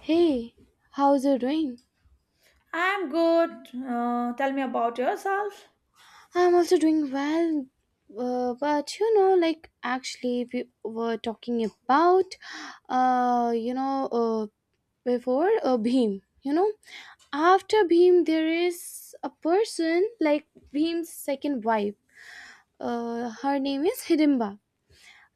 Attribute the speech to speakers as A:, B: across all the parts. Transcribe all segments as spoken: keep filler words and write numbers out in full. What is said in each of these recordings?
A: Hey, how's you doing?
B: I'm good. Uh, tell me about yourself.
A: I'm also doing well, uh, but you know, like actually, we were talking about, uh, you know, uh, before uh, Bhim, you know, after Bhim, there is a person like Bhim's second wife. Uh, her name is Hidimba.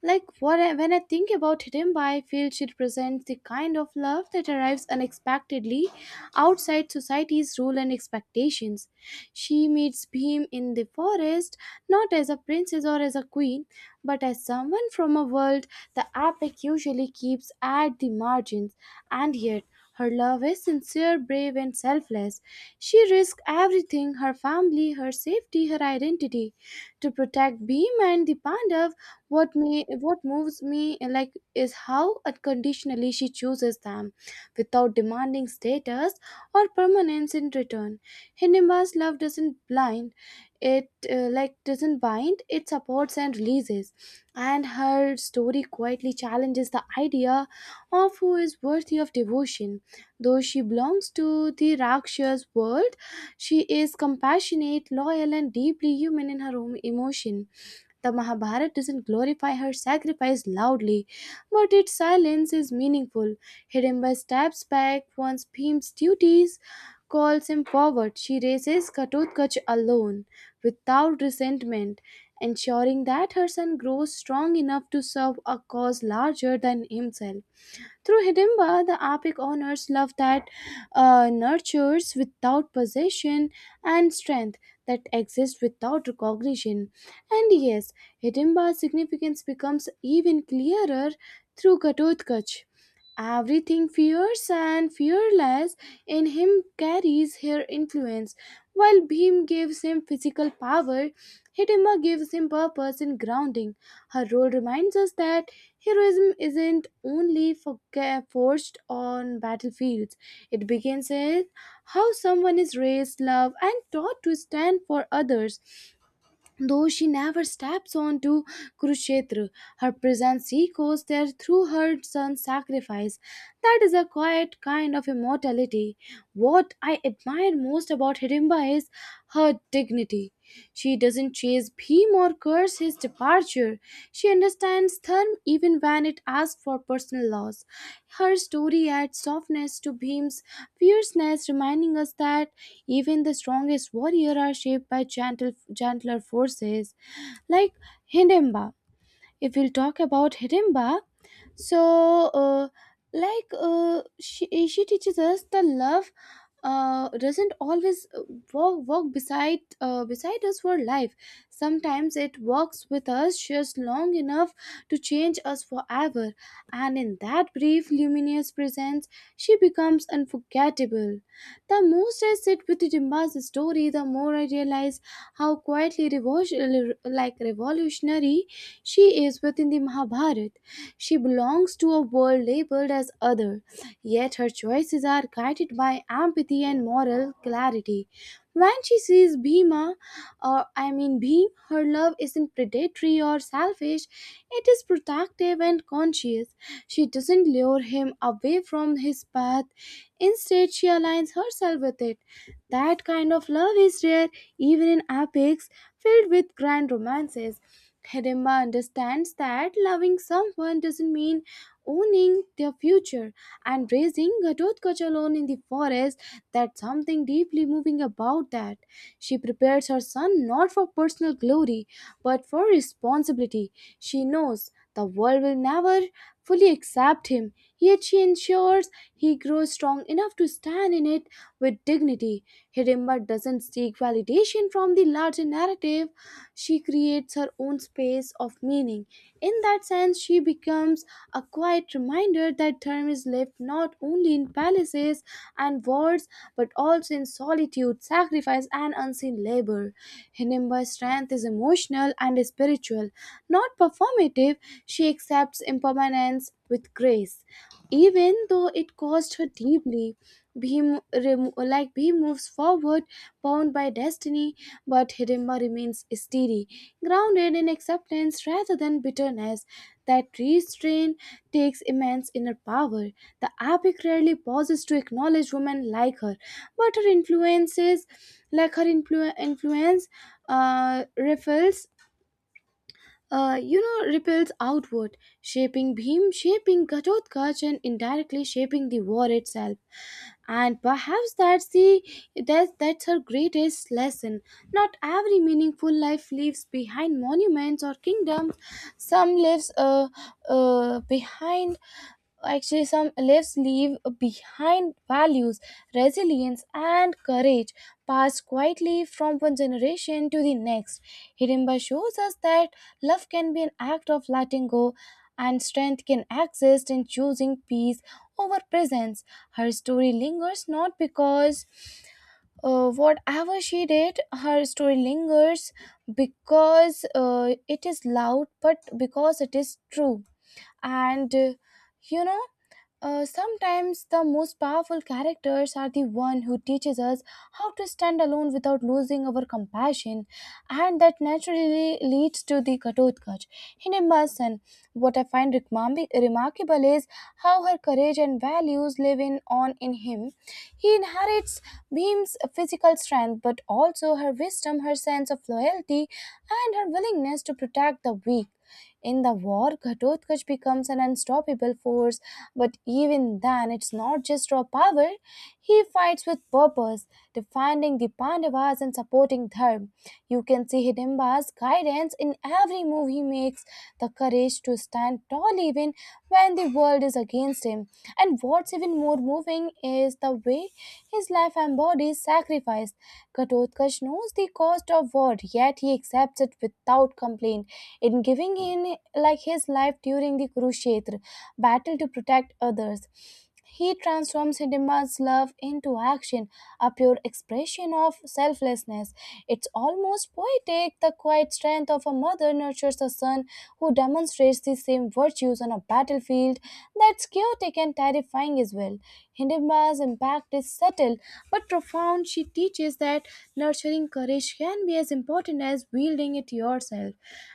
A: Like what I, when I think about Hidimba, I feel she represents the kind of love that arrives unexpectedly outside society's rule and expectations. She meets Bhim in the forest not as a princess or as a queen, but as someone from a world the epic usually keeps at the margins, and yet her love is sincere, brave, and selfless. She risks everything, her family, her safety, her identity, to protect Bhim and the Pandav. What me what moves me, eh, like is how unconditionally she chooses them without demanding status or permanence in return. Hinima's love doesn't blind it, uh, like doesn't bind it, supports and releases, and her story quietly challenges the idea of who is worthy of devotion. Though she belongs to the rakshas world, she is compassionate, loyal, and deeply human in her own emotion. The Mahabharata doesn't glorify her sacrifice loudly, but its silence is meaningful. Hidimba steps back once Bhim's duties calls him forward. She raises Katotkach alone, without resentment, ensuring that her son grows strong enough to serve a cause larger than himself. Through Hidimba, the epic honors love that uh, nurtures without possession and strength that exists without recognition. And yes, Hidimba's significance becomes even clearer through Ghatotkacha. Everything fierce and fearless in him carries her influence. While Bhim gives him physical power, Hitima gives him purpose and grounding. Her role reminds us that heroism isn't only for- forged on battlefields, it begins with how someone is raised, loved, and taught to stand for others. Though she never steps onto Kurukshetra, her presence echoes there through her son's sacrifice. That is a quiet kind of immortality. What I admire most about Hidimba is her dignity. She doesn't chase Bhim or curse his departure. She understands Dharma even when it asks for personal loss. Her story adds softness to Bhim's fierceness, reminding us that even the strongest warrior are shaped by gentle, gentler forces like Hidemba. If we'll talk about Hidimba, so uh, like uh, she, she teaches us the love uh, doesn't always uh, walk, walk beside uh, beside us for life. Sometimes it walks with us just long enough to change us forever, and in that brief luminous presence, she becomes unforgettable. The most I sit with Hidimba's story, the more I realize how quietly revol- like revolutionary she is within the Mahabharata. She belongs to a world labeled as other, yet her choices are guided by empathy and moral clarity. When she sees Bhima, or I mean Bhim, her love isn't predatory or selfish, it is protective and conscious. She doesn't lure him away from his path; instead, she aligns herself with it. That kind of love is rare, even in epics filled with grand romances. Hedemba understands that loving someone doesn't mean owning their future, and raising Ghatotkacha alone in the forest, that's something deeply moving about that. She prepares her son not for personal glory but for responsibility. She knows the world will never fully accept him, yet she ensures he grows strong enough to stand in it with dignity. Hidimba doesn't seek validation from the larger narrative, she creates her own space of meaning. In that sense, she becomes a quiet reminder that term is lived not only in palaces and wards but also in solitude, sacrifice, and unseen labor. Hinimba's strength is emotional and spiritual, not performative. She accepts impermanence with grace even though it caused her deeply. Bhim, remo- like Bhim moves forward, bound by destiny, but Hidimba remains steady, grounded in acceptance rather than bitterness. That restraint takes immense inner power. The epic rarely pauses to acknowledge women like her, but her influences, like her influ- influence, uh, ripples, uh, you know, ripples outward, shaping Bhim, shaping Ghatotkacha, and indirectly shaping the war itself. And perhaps that's the that's, that's her greatest lesson. Not every meaningful life leaves behind monuments or kingdoms. Some lives uh, uh, behind actually some lives leave behind values, resilience, and courage, passed quietly from one generation to the next. Hidimba shows us that love can be an act of letting go and strength can exist in choosing peace over presence. Her story lingers not because uh, whatever she did, her story lingers because uh, it is loud but because it is true. And uh, you know uh, Sometimes the most powerful characters are the one who teaches us how to stand alone without losing our compassion, and that naturally leads to the Ghatotkach. In Emerson, what I find remarmi- remarkable is how her courage and values live in on in him. He inherits Bhim's physical strength, but also her wisdom, her sense of loyalty, and her willingness to protect the weak. In the war, Ghatotkacha becomes an unstoppable force, but even then, it's not just raw power. He fights with purpose, defending the Pandavas and supporting Dharma. You can see Hidimba's guidance in every move he makes, the courage to stand tall even when the world is against him. And what's even more moving is the way his life embodies sacrifice. Ghatotkacha knows the cost of war, yet he accepts it without complaint. In giving in like his life during the Kurukshetra battle to protect others, he transforms Hidimba's love into action, a pure expression of selflessness. It's almost poetic, the quiet strength of a mother nurtures a son who demonstrates the same virtues on a battlefield that's chaotic and terrifying as well well. Hindemba's impact is subtle but profound. She teaches that nurturing courage can be as important as wielding it yourself.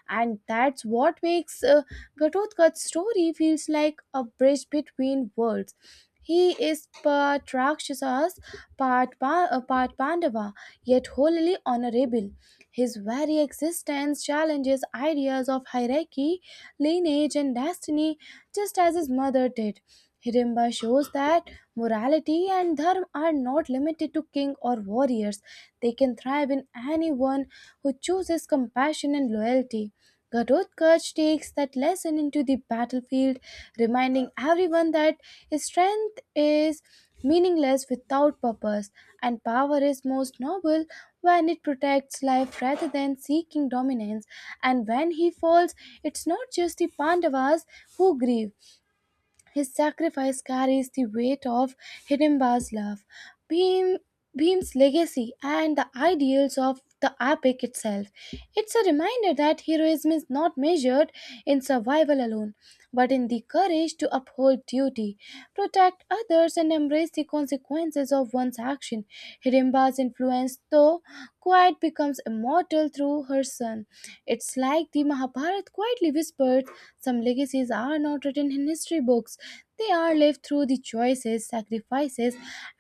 A: And that's what makes uh, Ghatotka's story feels like a bridge between worlds. He is part Rakshasas, part, pa- uh, part Pandava, yet wholly honorable. His very existence challenges ideas of hierarchy, lineage, and destiny, just as his mother did. Hirimba shows that morality and dharma are not limited to king or warriors. They can thrive in anyone who chooses compassion and loyalty. Garutkaj takes that lesson into the battlefield, reminding everyone that strength is meaningless without purpose, and power is most noble when it protects life rather than seeking dominance. And when he falls, it's not just the Pandavas who grieve, his sacrifice carries the weight of Hidimba's love, Bhim, Bhim's legacy, and the ideals of the epic itself. It's a reminder that heroism is not measured in survival alone, but in the courage to uphold duty, protect others, and embrace the consequences of one's action. Hirimba's influence, though quiet, becomes immortal through her son. It's like the Mahabharata quietly whispered, some legacies are not written in history books. They are lived through the choices, sacrifices,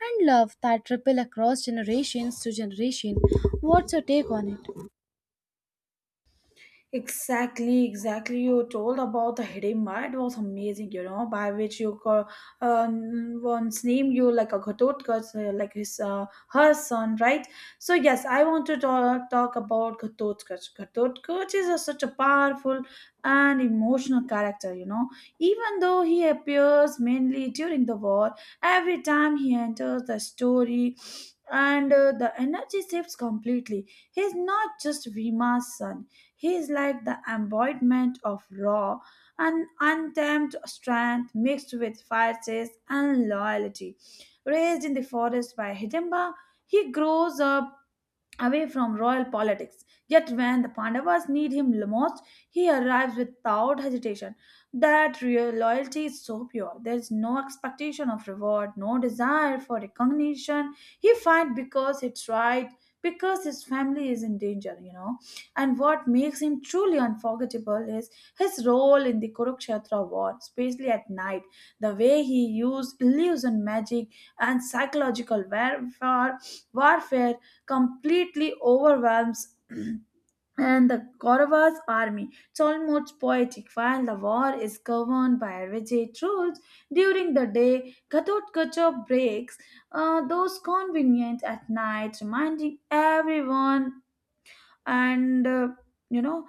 A: and love that ripple across generations to generation. What's your take on it?
B: Exactly, exactly. You told about the Hidimba. It was amazing, you know, by which you got uh, once named you like a Ghatotkacha, uh, like his uh, her son, right? So yes, I want to talk, talk about Ghatotkacha. Ghatotkacha is a, such a powerful and emotional character, you know. Even though he appears mainly during the war, every time he enters the story. And uh, the energy shifts completely. He's not just Vima's son, he is like the embodiment of raw and untamed strength mixed with fierceness and loyalty. Raised in the forest by Hidimba, he grows up away from royal politics. Yet when the Pandavas need him most, he arrives without hesitation. That real loyalty is so pure. There is no expectation of reward, no desire for recognition. He fights because it's right, because his family is in danger, you know. And what makes him truly unforgettable is his role in the Kurukshetra war, especially at night. The way he used illusion magic and psychological warfare, warfare completely overwhelms and the Kauravas army. It's almost poetic. While the war is governed by rigid rules, during the day, Ghatotkacha breaks uh, those convenient at night, reminding everyone and uh, you know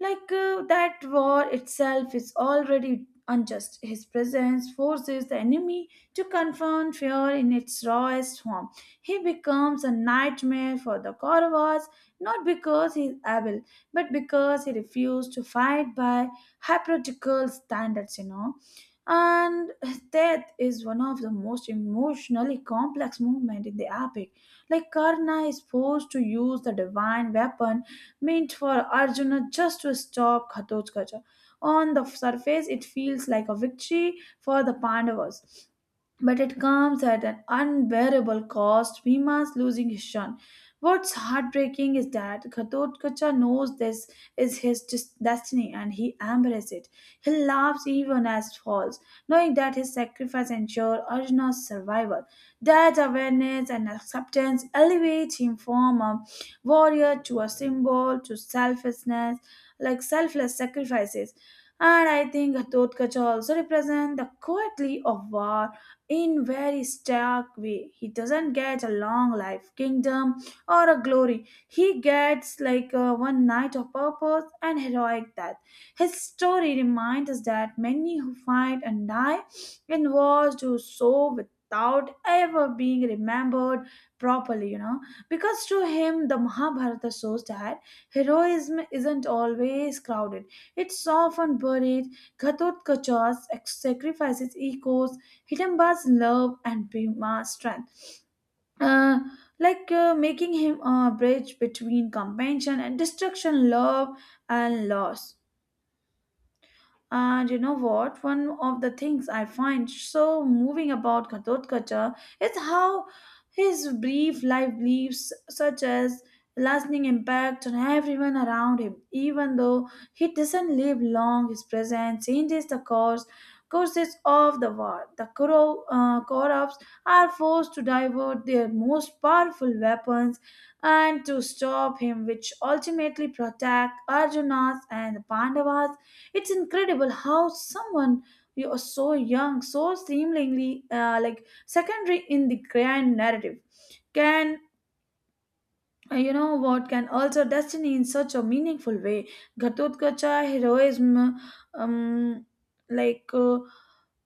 B: like uh, that war itself is already unjust. His presence forces the enemy to confront fear in its rawest form. He becomes a nightmare for the Kauravas, not because he is able but because he refused to fight by hypocritical standards, you know. And his death is one of the most emotionally complex movement in the epic, like Karna is forced to use the divine weapon meant for Arjuna just to stop Ghatotkacha. On the surface, it feels like a victory for the Pandavas, but it comes at an unbearable cost. Bhima's losing his son. What's heartbreaking is that Ghatotkacha knows this is his des- destiny, and he embraces it. He laughs even as falls, knowing that his sacrifice ensures Arjuna's survival. That awareness and acceptance elevate him from a warrior to a symbol to selflessness, like selfless sacrifices. And I think Ghatotkacha also represents the quietly of war in very stark way. He doesn't get a long life kingdom or a glory. He gets like uh, one night of purpose and heroic death. His story reminds us that many who fight and die in wars do so without ever being remembered properly, you know, because to him the Mahabharata shows that heroism isn't always crowded, it's often buried. Ghatotkacha's sacrifices echoes Hidamba's love and Bhima's strength, uh, like uh, making him a bridge between compassion and destruction, love and loss. And you know what? One of the things I find so moving about Ghatotkacha is how his brief life leaves such as lasting impact on everyone around him. Even though he doesn't live long, his presence changes the course courses of the war. The Kuro, uh, Kauravs are forced to divert their most powerful weapons and to stop him, which ultimately protect Arjuna's and the Pandavas. It's incredible how someone you are so young, so seemingly uh, like secondary in the grand narrative, can uh, you know what can alter destiny in such a meaningful way. Ghatotkacha heroism, um, like. Uh,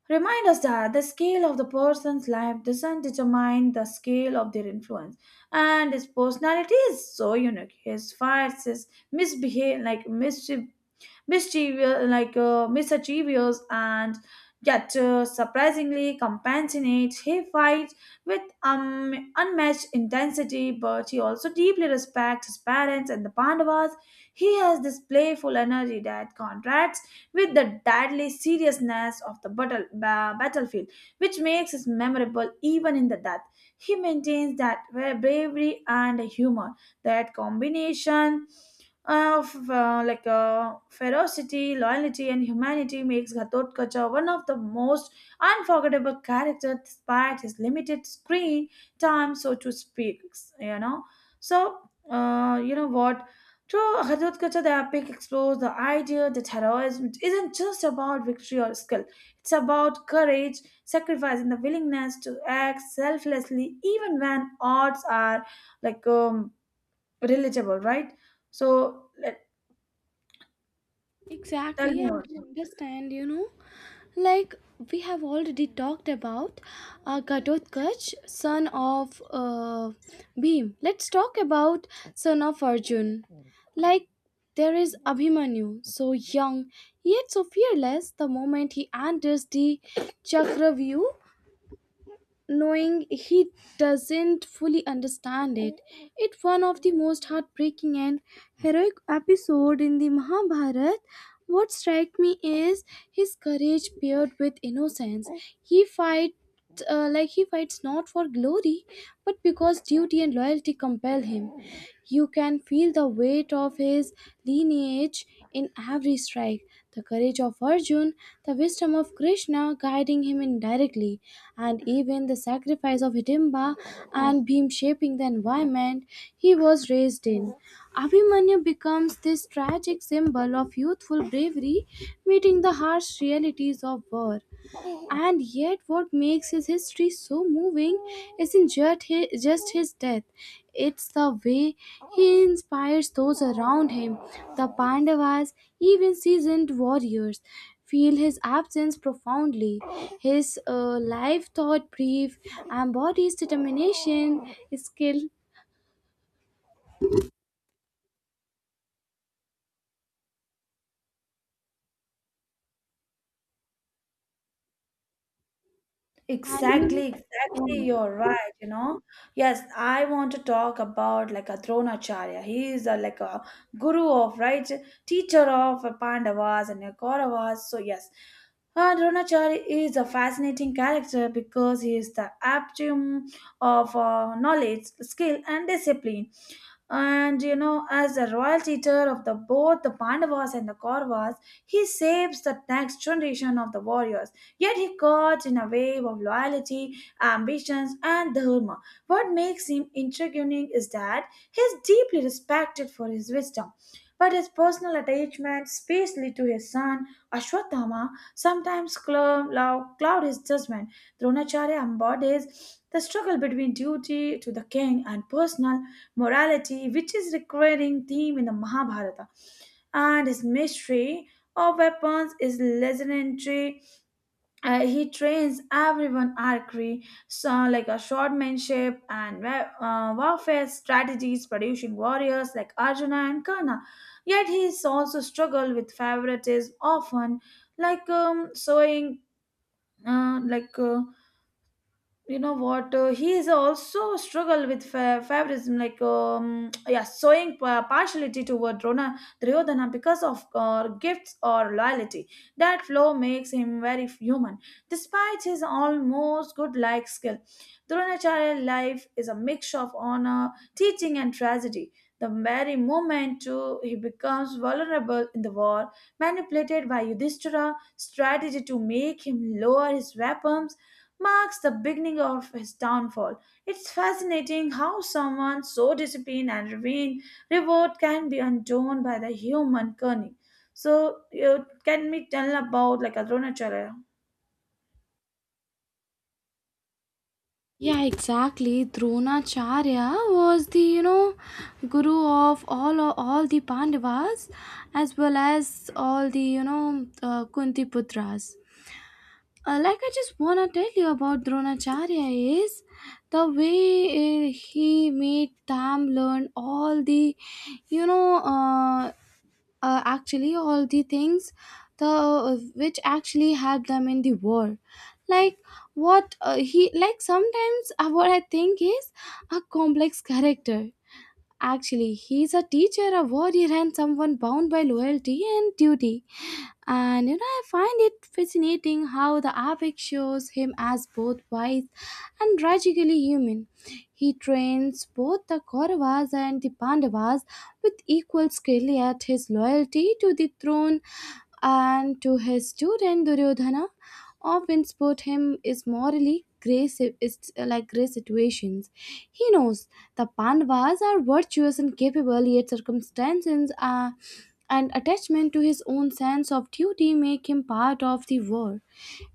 B: Remind us that the scale of the person's life doesn't determine the scale of their influence, and his personality is so unique. His fires, his misbehave, like mischief, mischievous, like uh, mischievous, and yet uh, surprisingly compassionate. He fights with um, unmatched intensity, but he also deeply respects his parents and the Pandavas. He has this playful energy that contrasts with the deadly seriousness of the battle, ba- battlefield, which makes it memorable even in the death. He maintains that uh, bravery and humor, that combination of uh, like uh, ferocity, loyalty, and humanity makes Ghatotkacha one of the most unforgettable characters despite his limited screen time, so to speak. You know, so uh, you know what. Through Ghatotkacha, the epic explores the idea that heroism isn't just about victory or skill; it's about courage, sacrifice, and the willingness to act selflessly even when odds are like um, relatable, right? So let, tell
A: Exactly,
B: me
A: I do
B: also.
A: understand, you know. Like we have already talked about uh, Ghatotkacha, son of uh, Bhim. Let's talk about son of Arjun. Like there is Abhimanyu, so young yet so fearless. The moment he enters the Chakravyu, knowing he doesn't fully understand it. It's one of the most heartbreaking and heroic episode in the Mahabharata. What strikes me is his courage paired with innocence. He fights, uh, like he fights not for glory, but because duty and loyalty compel him. You can feel the weight of his lineage in every strike, the courage of Arjun, the wisdom of Krishna guiding him indirectly, and even the sacrifice of Hidimba and Bhim shaping the environment he was raised in. Abhimanyu becomes this tragic symbol of youthful bravery meeting the harsh realities of war. And yet, what makes his history so moving isn't just his, just his death, it's the way he inspires those around him. The Pandavas, even seasoned warriors, feel his absence profoundly. His uh, life, thought brief, embodies determination, skill, and you.
B: Exactly, exactly. You're right. You know, yes, I want to talk about like a Dronacharya. He is a, like a guru of right, teacher of Pandavas and Kauravas. So yes, uh, Dronacharya is a fascinating character because he is the aptium of uh, knowledge, skill, and discipline. And you know, as the royal teacher of the both the Pandavas and the Kauravas, he saves the next generation of the warriors, yet he caught in a wave of loyalty, ambitions, and dharma. What makes him intriguing is that he is deeply respected for his wisdom, but his personal attachment, especially to his son Ashwatthama, sometimes cloud cloud his judgment. Dronacharya embodies the struggle between duty to the king and personal morality, which is recurring theme in the Mahabharata, and his mystery of weapons is legendary. Uh, he trains everyone archery, so like a swordmanship and wa- uh, warfare strategies, producing warriors like Arjuna and Karna. Yet he is also struggled with favoritism, often like um, sowing uh, like. Uh, you know what uh, he is also struggle with fa- favorism, like um, yeah, showing pa- partiality toward Rona Duryodhana because of uh, gifts or loyalty. That flaw makes him very human despite his almost good like skill. Dronacharya's life is a mix of honor teaching and tragedy. The very moment too he becomes vulnerable in the war, manipulated by Yudhishthira's strategy to make him lower his weapons, marks the beginning of his downfall. It's fascinating how someone so disciplined and revered reward can be undone by the human cunning. So, you can we tell about like Arunachala?
A: Yeah, exactly. Dronacharya was the, you know guru of all all the Pandavas, as well as all the you know uh, Kunti putras. Uh, like I just wanna tell you about Dronacharya is the way uh, he made them learn all the, you know uh, uh, actually all the things, the uh, which actually help them in the war. Like what uh, he like sometimes uh, What I think is, a complex character. Actually, he is a teacher, a warrior, and someone bound by loyalty and duty. And you know, I find it fascinating how the epic shows him as both wise and tragically human. He trains both the Kauravas and the Pandavas with equal skill, yet his loyalty to the throne and to his student Duryodhana often support him is morally gray si- it's uh, like gray situations. He knows the Pandavas are virtuous and capable, yet circumstances are and attachment to his own sense of duty make him part of the war.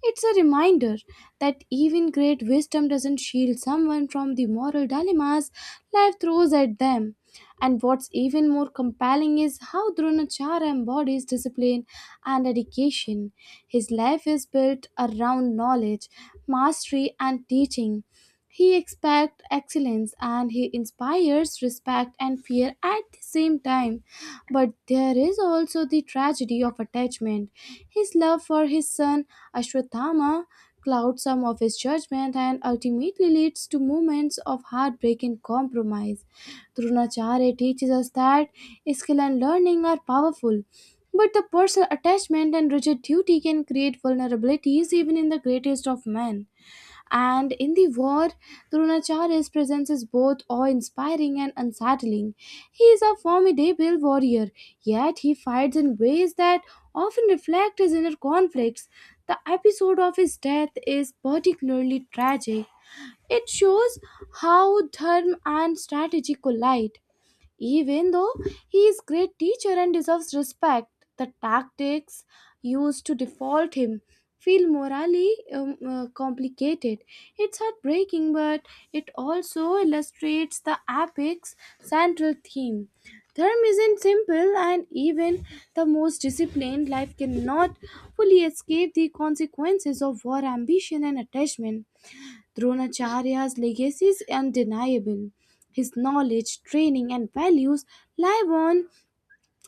A: It's a reminder that even great wisdom doesn't shield someone from the moral dilemmas life throws at them. And what's even more compelling is how Dronacharya embodies discipline and dedication. His life is built around knowledge, mastery, and teaching. He expects excellence and he inspires respect and fear at the same time. But there is also the tragedy of attachment. His love for his son Ashwatthama clouds some of his judgment and ultimately leads to moments of heartbreak and compromise. Dronacharya teaches us that skill and learning are powerful, but the personal attachment and rigid duty can create vulnerabilities even in the greatest of men. And in the war, Dronacharya's presence is both awe inspiring and unsettling. He is a formidable warrior, yet he fights in ways that often reflect his inner conflicts. The episode of his death is particularly tragic. It shows how dharma and strategy collide. Even though he is great teacher and deserves respect, the tactics used to default him feel morally um, uh, complicated. It's heartbreaking, but it also illustrates the epic's central theme. Therm isn't simple, and even the most disciplined life cannot fully escape the consequences of war, ambition, and attachment. Dronacharya's legacy is undeniable. His knowledge, training, and values live on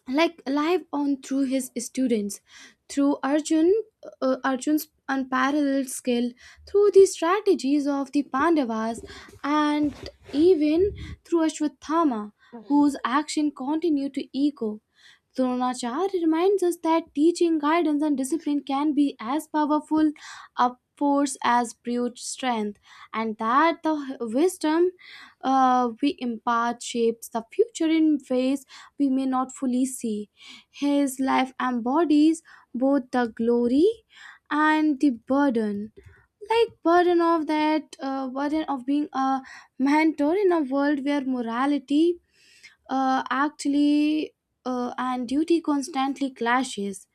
A: like live on through his students, through Arjun, uh, Arjun's unparalleled skill, through the strategies of the Pandavas, and even through Ashwathama, whose action continued to echo. Dronacharya reminds us that teaching, guidance, and discipline can be as powerful a force as brute strength, and that the wisdom uh, we impart shapes the future in ways we may not fully see. His life embodies both the glory and the burden, like burden of that uh, burden of being a mentor in a world where morality uh, actually uh, and duty constantly clashes.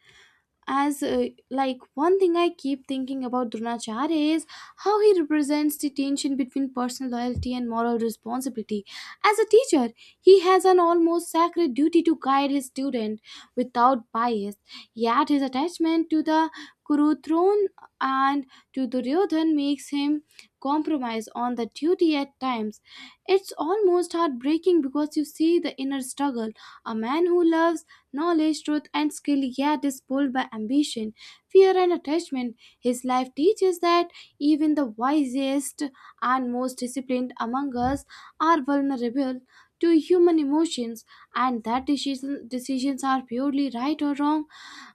A: As uh, like one thing I keep thinking about Dronacharya is how he represents the tension between personal loyalty and moral responsibility. As a teacher, he has an almost sacred duty to guide his student without bias, yet his attachment to the Kuru throne and to Duryodhan makes him compromise on the duty at times. It's almost heartbreaking because you see the inner struggle, a man who loves knowledge, truth, and skill, yet is pulled by ambition, fear, and attachment. His life teaches that even the wisest and most disciplined among us are vulnerable to human emotions, and that decision, decisions are purely right or wrong.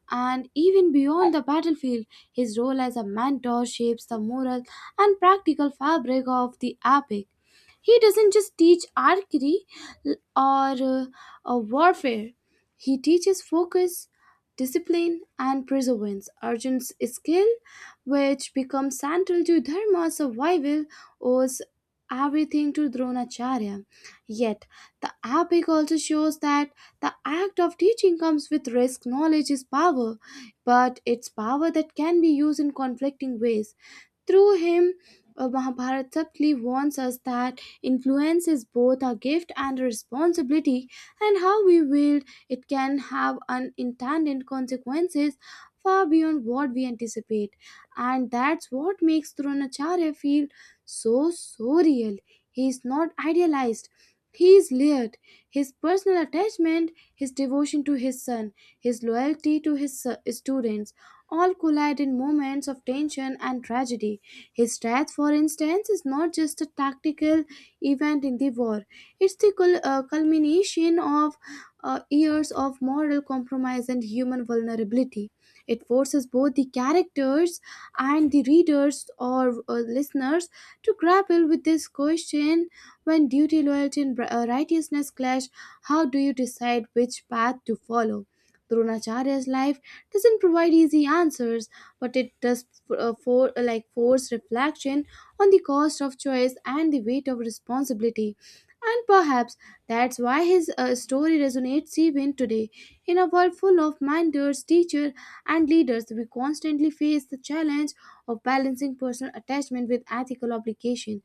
A: And even beyond the battlefield, his role as a mentor shapes the moral and practical fabric of the epic. He doesn't just teach archery l- or uh, uh, warfare, he teaches focus, discipline, and perseverance. Arjun's skill, which becomes central to Dharma's survival, owes everything to Dronacharya. Yet, the epic also shows that the act of teaching comes with risk. Knowledge is power, but it's power that can be used in conflicting ways. Through him, uh, Mahabharata subtly warns us that influence is both a gift and a responsibility, and how we wield it can have unintended consequences far beyond what we anticipate. And that's what makes Dronacharya feel so, so real. He is not idealized. He is layered. His personal attachment, his devotion to his son, his loyalty to his su- students, all collide in moments of tension and tragedy. His death, for instance, is not just a tactical event in the war, it's the cul- uh, culmination of uh, years of moral compromise and human vulnerability. It forces both the characters and the readers or uh, listeners to grapple with this question: when duty, loyalty, and bri- uh, righteousness clash, how do you decide which path to follow? Dronacharya's life doesn't provide easy answers, but it does uh, for uh, like force reflection on the cost of choice and the weight of responsibility. And perhaps that's why his uh, story resonates even today. In a world full of mentors, teachers, and leaders, we constantly face the challenge of balancing personal attachment with ethical obligation.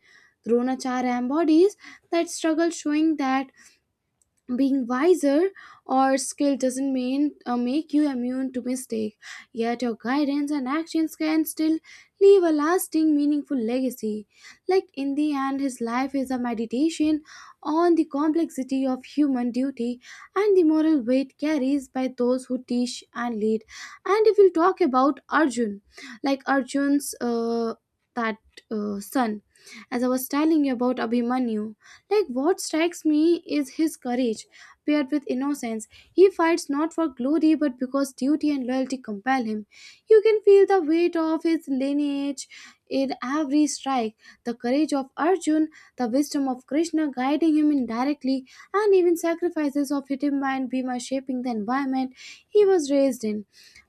A: Dronacharya embodies that struggle, showing that being wiser or skilled doesn't mean uh, make you immune to mistake, yet your guidance and actions can still leave a lasting meaningful legacy. Like in the end, his life is a meditation on the complexity of human duty and the moral weight carries by those who teach and lead. And if we'll talk about Arjun, like arjun's uh, that uh, son, as I was telling you about Abhimanyu, like, what strikes me is his courage paired with innocence. He fights not for glory but because duty and loyalty compel him. You can feel the weight of his lineage in every strike. The courage of Arjun, the wisdom of Krishna guiding him indirectly, and even sacrifices of Hitimba and Bhima shaping the environment he was raised in.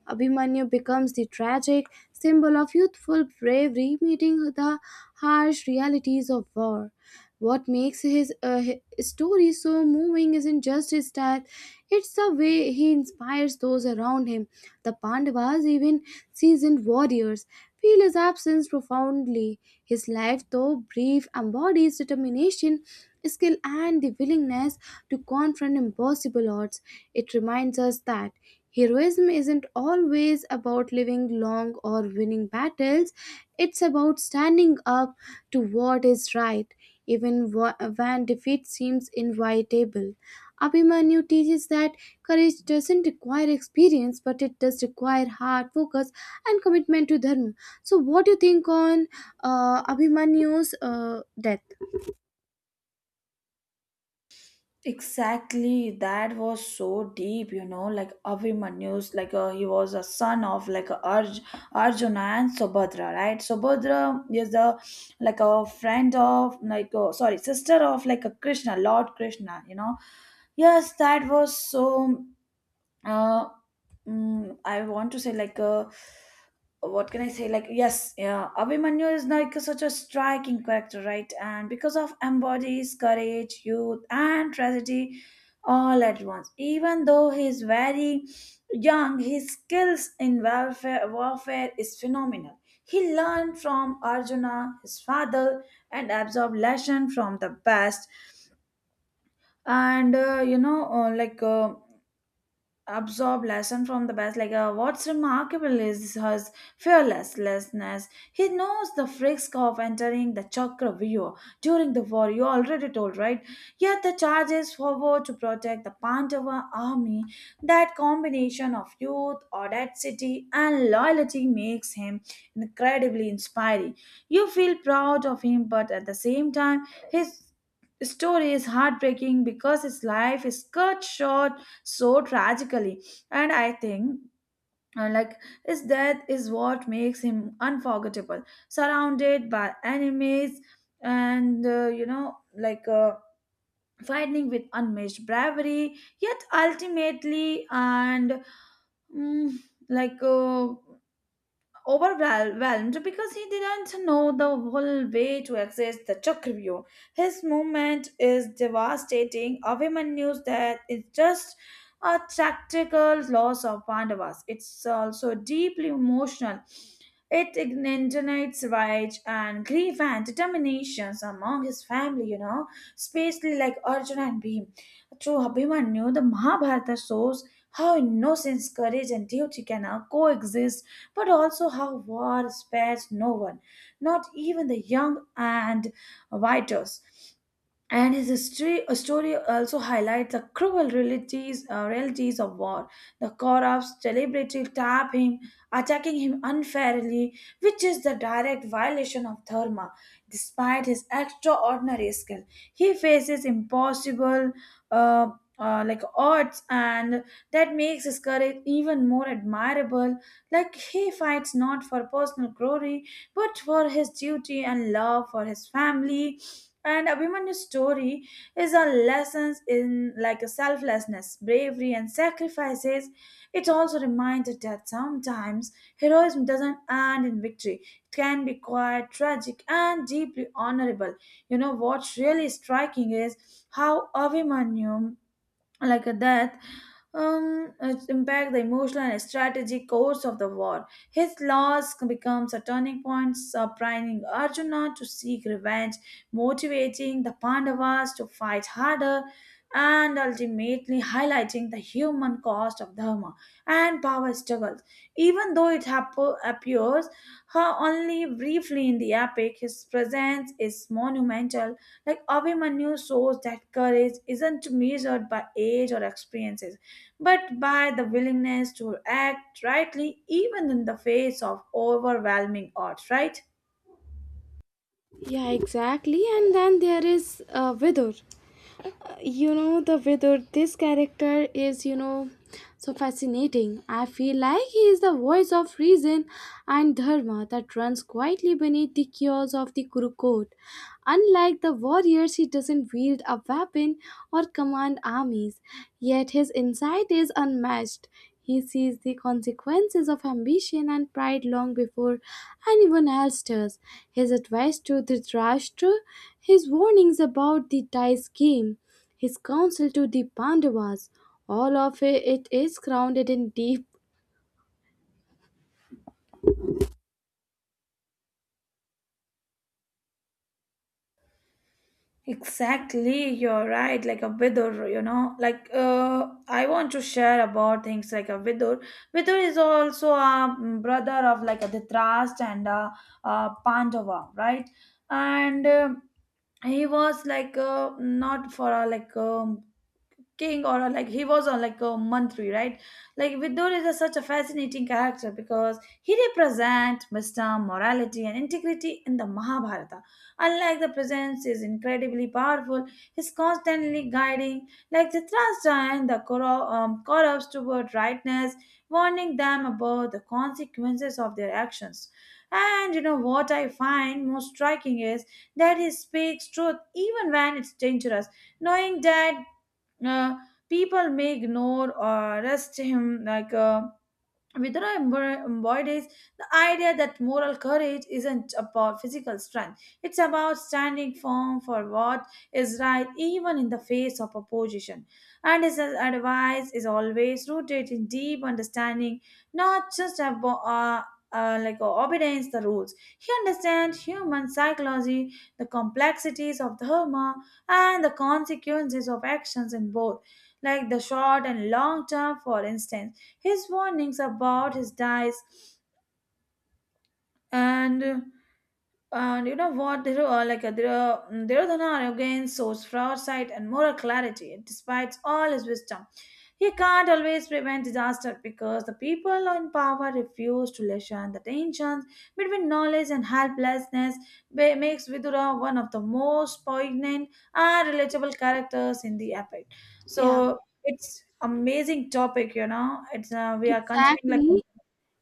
A: Abhimanyu becomes the tragic symbol of youthful bravery meeting the harsh realities of war. What makes his, uh, hi- story so moving isn't just his death, it's the way he inspires those around him. The Pandavas, even seasoned warriors, feel his absence profoundly. His life, though brief, embodies determination, skill, and the willingness to confront impossible odds. It reminds us that heroism isn't always about living long or winning battles, it's about standing up to what is right, even wh- when defeat seems inevitable. Abhimanyu teaches that courage doesn't require experience, but it does require hard focus and commitment to dharma. So, what do you think on uh, Abhimanyu's uh, death?
B: Exactly, that was so deep, you know, like Abhimanyu's, like uh, he was a son of like uh, Arj- Arjuna and Subhadra, right? Subhadra is a like a friend of like uh, sorry, sister of like a Krishna, Lord Krishna, you know. Yes, that was so uh mm, I want to say like uh what can I say like yes yeah Abhimanyu is like such a striking character, right, and because of embodies courage, youth, and tragedy all at once. Even though he's very young, his skills in warfare warfare is phenomenal. He learned from Arjuna, his father, and absorbed lesson from the past, and uh, you know uh, like uh, absorb lesson from the best. Like uh, what's remarkable is his fearlessness. He knows the risk of entering the chakra during the war, you already told, right? Yet the charges forward to protect the Pandava army. That combination of youth, audacity, and loyalty makes him incredibly inspiring. You feel proud of him, but at the same time, his story is heartbreaking because his life is cut short so tragically. And I think uh, like his death is what makes him unforgettable, surrounded by enemies and uh, you know like uh, fighting with unmatched bravery, yet ultimately and mm, like uh, overwhelmed because he didn't know the whole way to access the Chakravyu. His movement is devastating. Abhimanyu news that it's just a tactical loss of Pandavas. It's also deeply emotional. It ignites rage and grief and determinations among his family, you know, especially like Arjuna and Bhim. Through Abhimanyu, the Mahabharata shows how innocence, courage, and duty can uh, coexist, but also how war spares no one, not even the young and vitals. And his history, uh, story also highlights the cruel realities, uh, realities of war. The Korabs deliberately tap him, attacking him unfairly, which is the direct violation of Dharma. Despite his extraordinary skill, he faces impossible uh, uh, like odds, and that makes his courage even more admirable. Like he fights not for personal glory, but for his duty and love for his family. And Abhimanyu's story is on lessons in like a selflessness, bravery, and sacrifices. It also reminds us that sometimes heroism doesn't end in victory. It can be quite tragic and deeply honorable. You know what's really striking is how Abhimanyu, like that um, its impact the emotional and strategic course of the war. His loss becomes a turning point, surprising Arjuna to seek revenge, motivating the Pandavas to fight harder, and ultimately highlighting the human cost of dharma and power struggles. Even though it hap- appears uh, only briefly in the epic, his presence is monumental, like Abhimanyu shows that courage isn't measured by age or experiences, but by the willingness to act rightly even in the face of overwhelming odds, right?
A: Yeah, exactly. And then there is uh, Vidur. You know, the Vidur, this character is, you know, so fascinating. I feel like he is the voice of reason and dharma that runs quietly beneath the chaos of the Kurukot. Unlike the warriors, he doesn't wield a weapon or command armies, yet his insight is unmatched. He sees the consequences of ambition and pride long before anyone else does. His advice to Dhritarashtra, his warnings about the dice game, his counsel to the Pandavas, all of it is grounded in deep.
B: Exactly, you're right. Like a Vidur, you know, like uh, I want to share about things like a Vidur. Vidur is also a mm, brother of like a Dhritarashtra and a, uh Pandava, right? And um he was like uh, not for a like um king, or uh, like he was on like a mantri, right? Like Vidur is a, such a fascinating character because he represents wisdom, morality, and integrity in the Mahabharata. Unlike the presence is incredibly powerful, he's constantly guiding like Dhritarashtra and the Kauru- um, Kauravas toward rightness, warning them about the consequences of their actions. And you know what I find most striking is that he speaks truth even when it's dangerous, knowing that uh, people may ignore or arrest him. Like uh, Vidura embro- embodies the idea that moral courage isn't about physical strength. It's about standing firm for what is right even in the face of opposition. And his advice is always rooted in deep understanding, not just abo- uh, uh, like uh, obedience the rules. He understands human psychology, the complexities of dharma, and the consequences of actions in both, like the short and long term. For instance, his warnings about his dies and and you know what, there are like uh, there are Duryodhana again source for foresight and moral clarity. Despite all his wisdom, he can't always prevent disaster because the people in power refuse to lessen. The tensions between knowledge and helplessness ba- makes Vidura one of the most poignant and relatable characters in the epic.
A: Yeah,
B: So it's amazing topic, you know. It's uh, We are continuing like
A: exactly.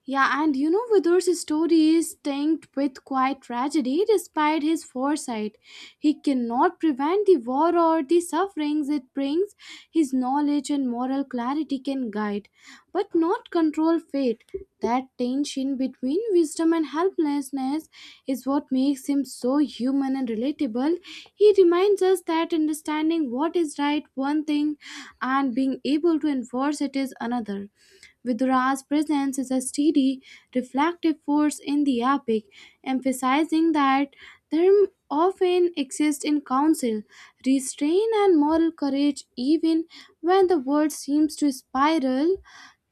A: Yeah, and you know, Vidur's story is tinged with quiet tragedy despite his foresight. He cannot prevent the war or the sufferings it brings. His knowledge and moral clarity can guide, but not control fate. That tension between wisdom and helplessness is what makes him so human and relatable. He reminds us that understanding what is right one thing and being able to enforce it is another. Vidura's presence is a steady, reflective force in the epic, emphasizing that dharma often exists in counsel, restraint, and moral courage, even when the world seems to spiral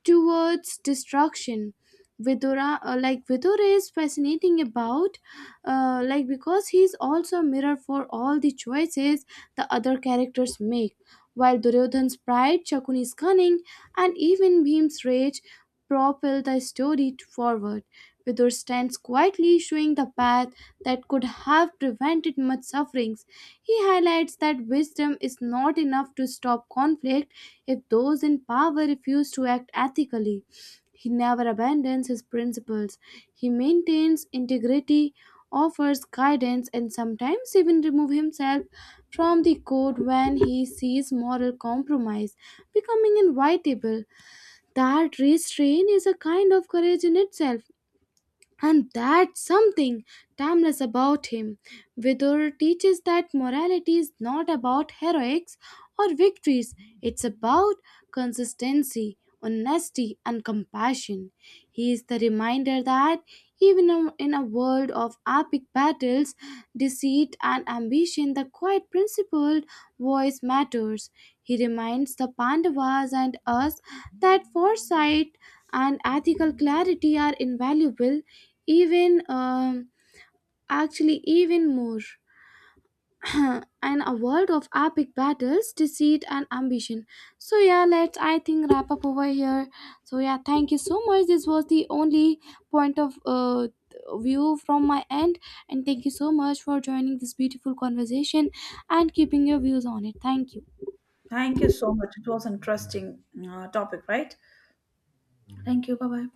A: towards destruction. Vidura, uh, like Vidura is fascinating about, uh, like because he's also a mirror for all the choices the other characters make. While Duryodhan's pride, Shakuni's cunning, and even Bhim's rage propel the story forward, Vidura stands quietly, showing the path that could have prevented much sufferings. He highlights that wisdom is not enough to stop conflict if those in power refuse to act ethically. He never abandons his principles. He maintains integrity, offers guidance, and sometimes even removes himself from the code when he sees moral compromise becoming inevitable. That restraint is a kind of courage in itself, and that's something timeless about him. Vidur teaches that morality is not about heroics or victories, it's about consistency, honesty, and compassion. He is the reminder that even in in a world of epic battles, deceit, and ambition, the quiet, principled voice matters. He reminds the Pandavas and us that foresight and ethical clarity are invaluable even um, actually even more and a world of epic battles, deceit and ambition. So yeah, let's, I think, wrap up over here. So yeah, thank you so much. This was the only point of uh, view from my end, and thank you so much for joining this beautiful conversation and keeping your views on it. Thank you.
B: thank you so much. It was interesting uh, topic, right? Thank you. Bye bye.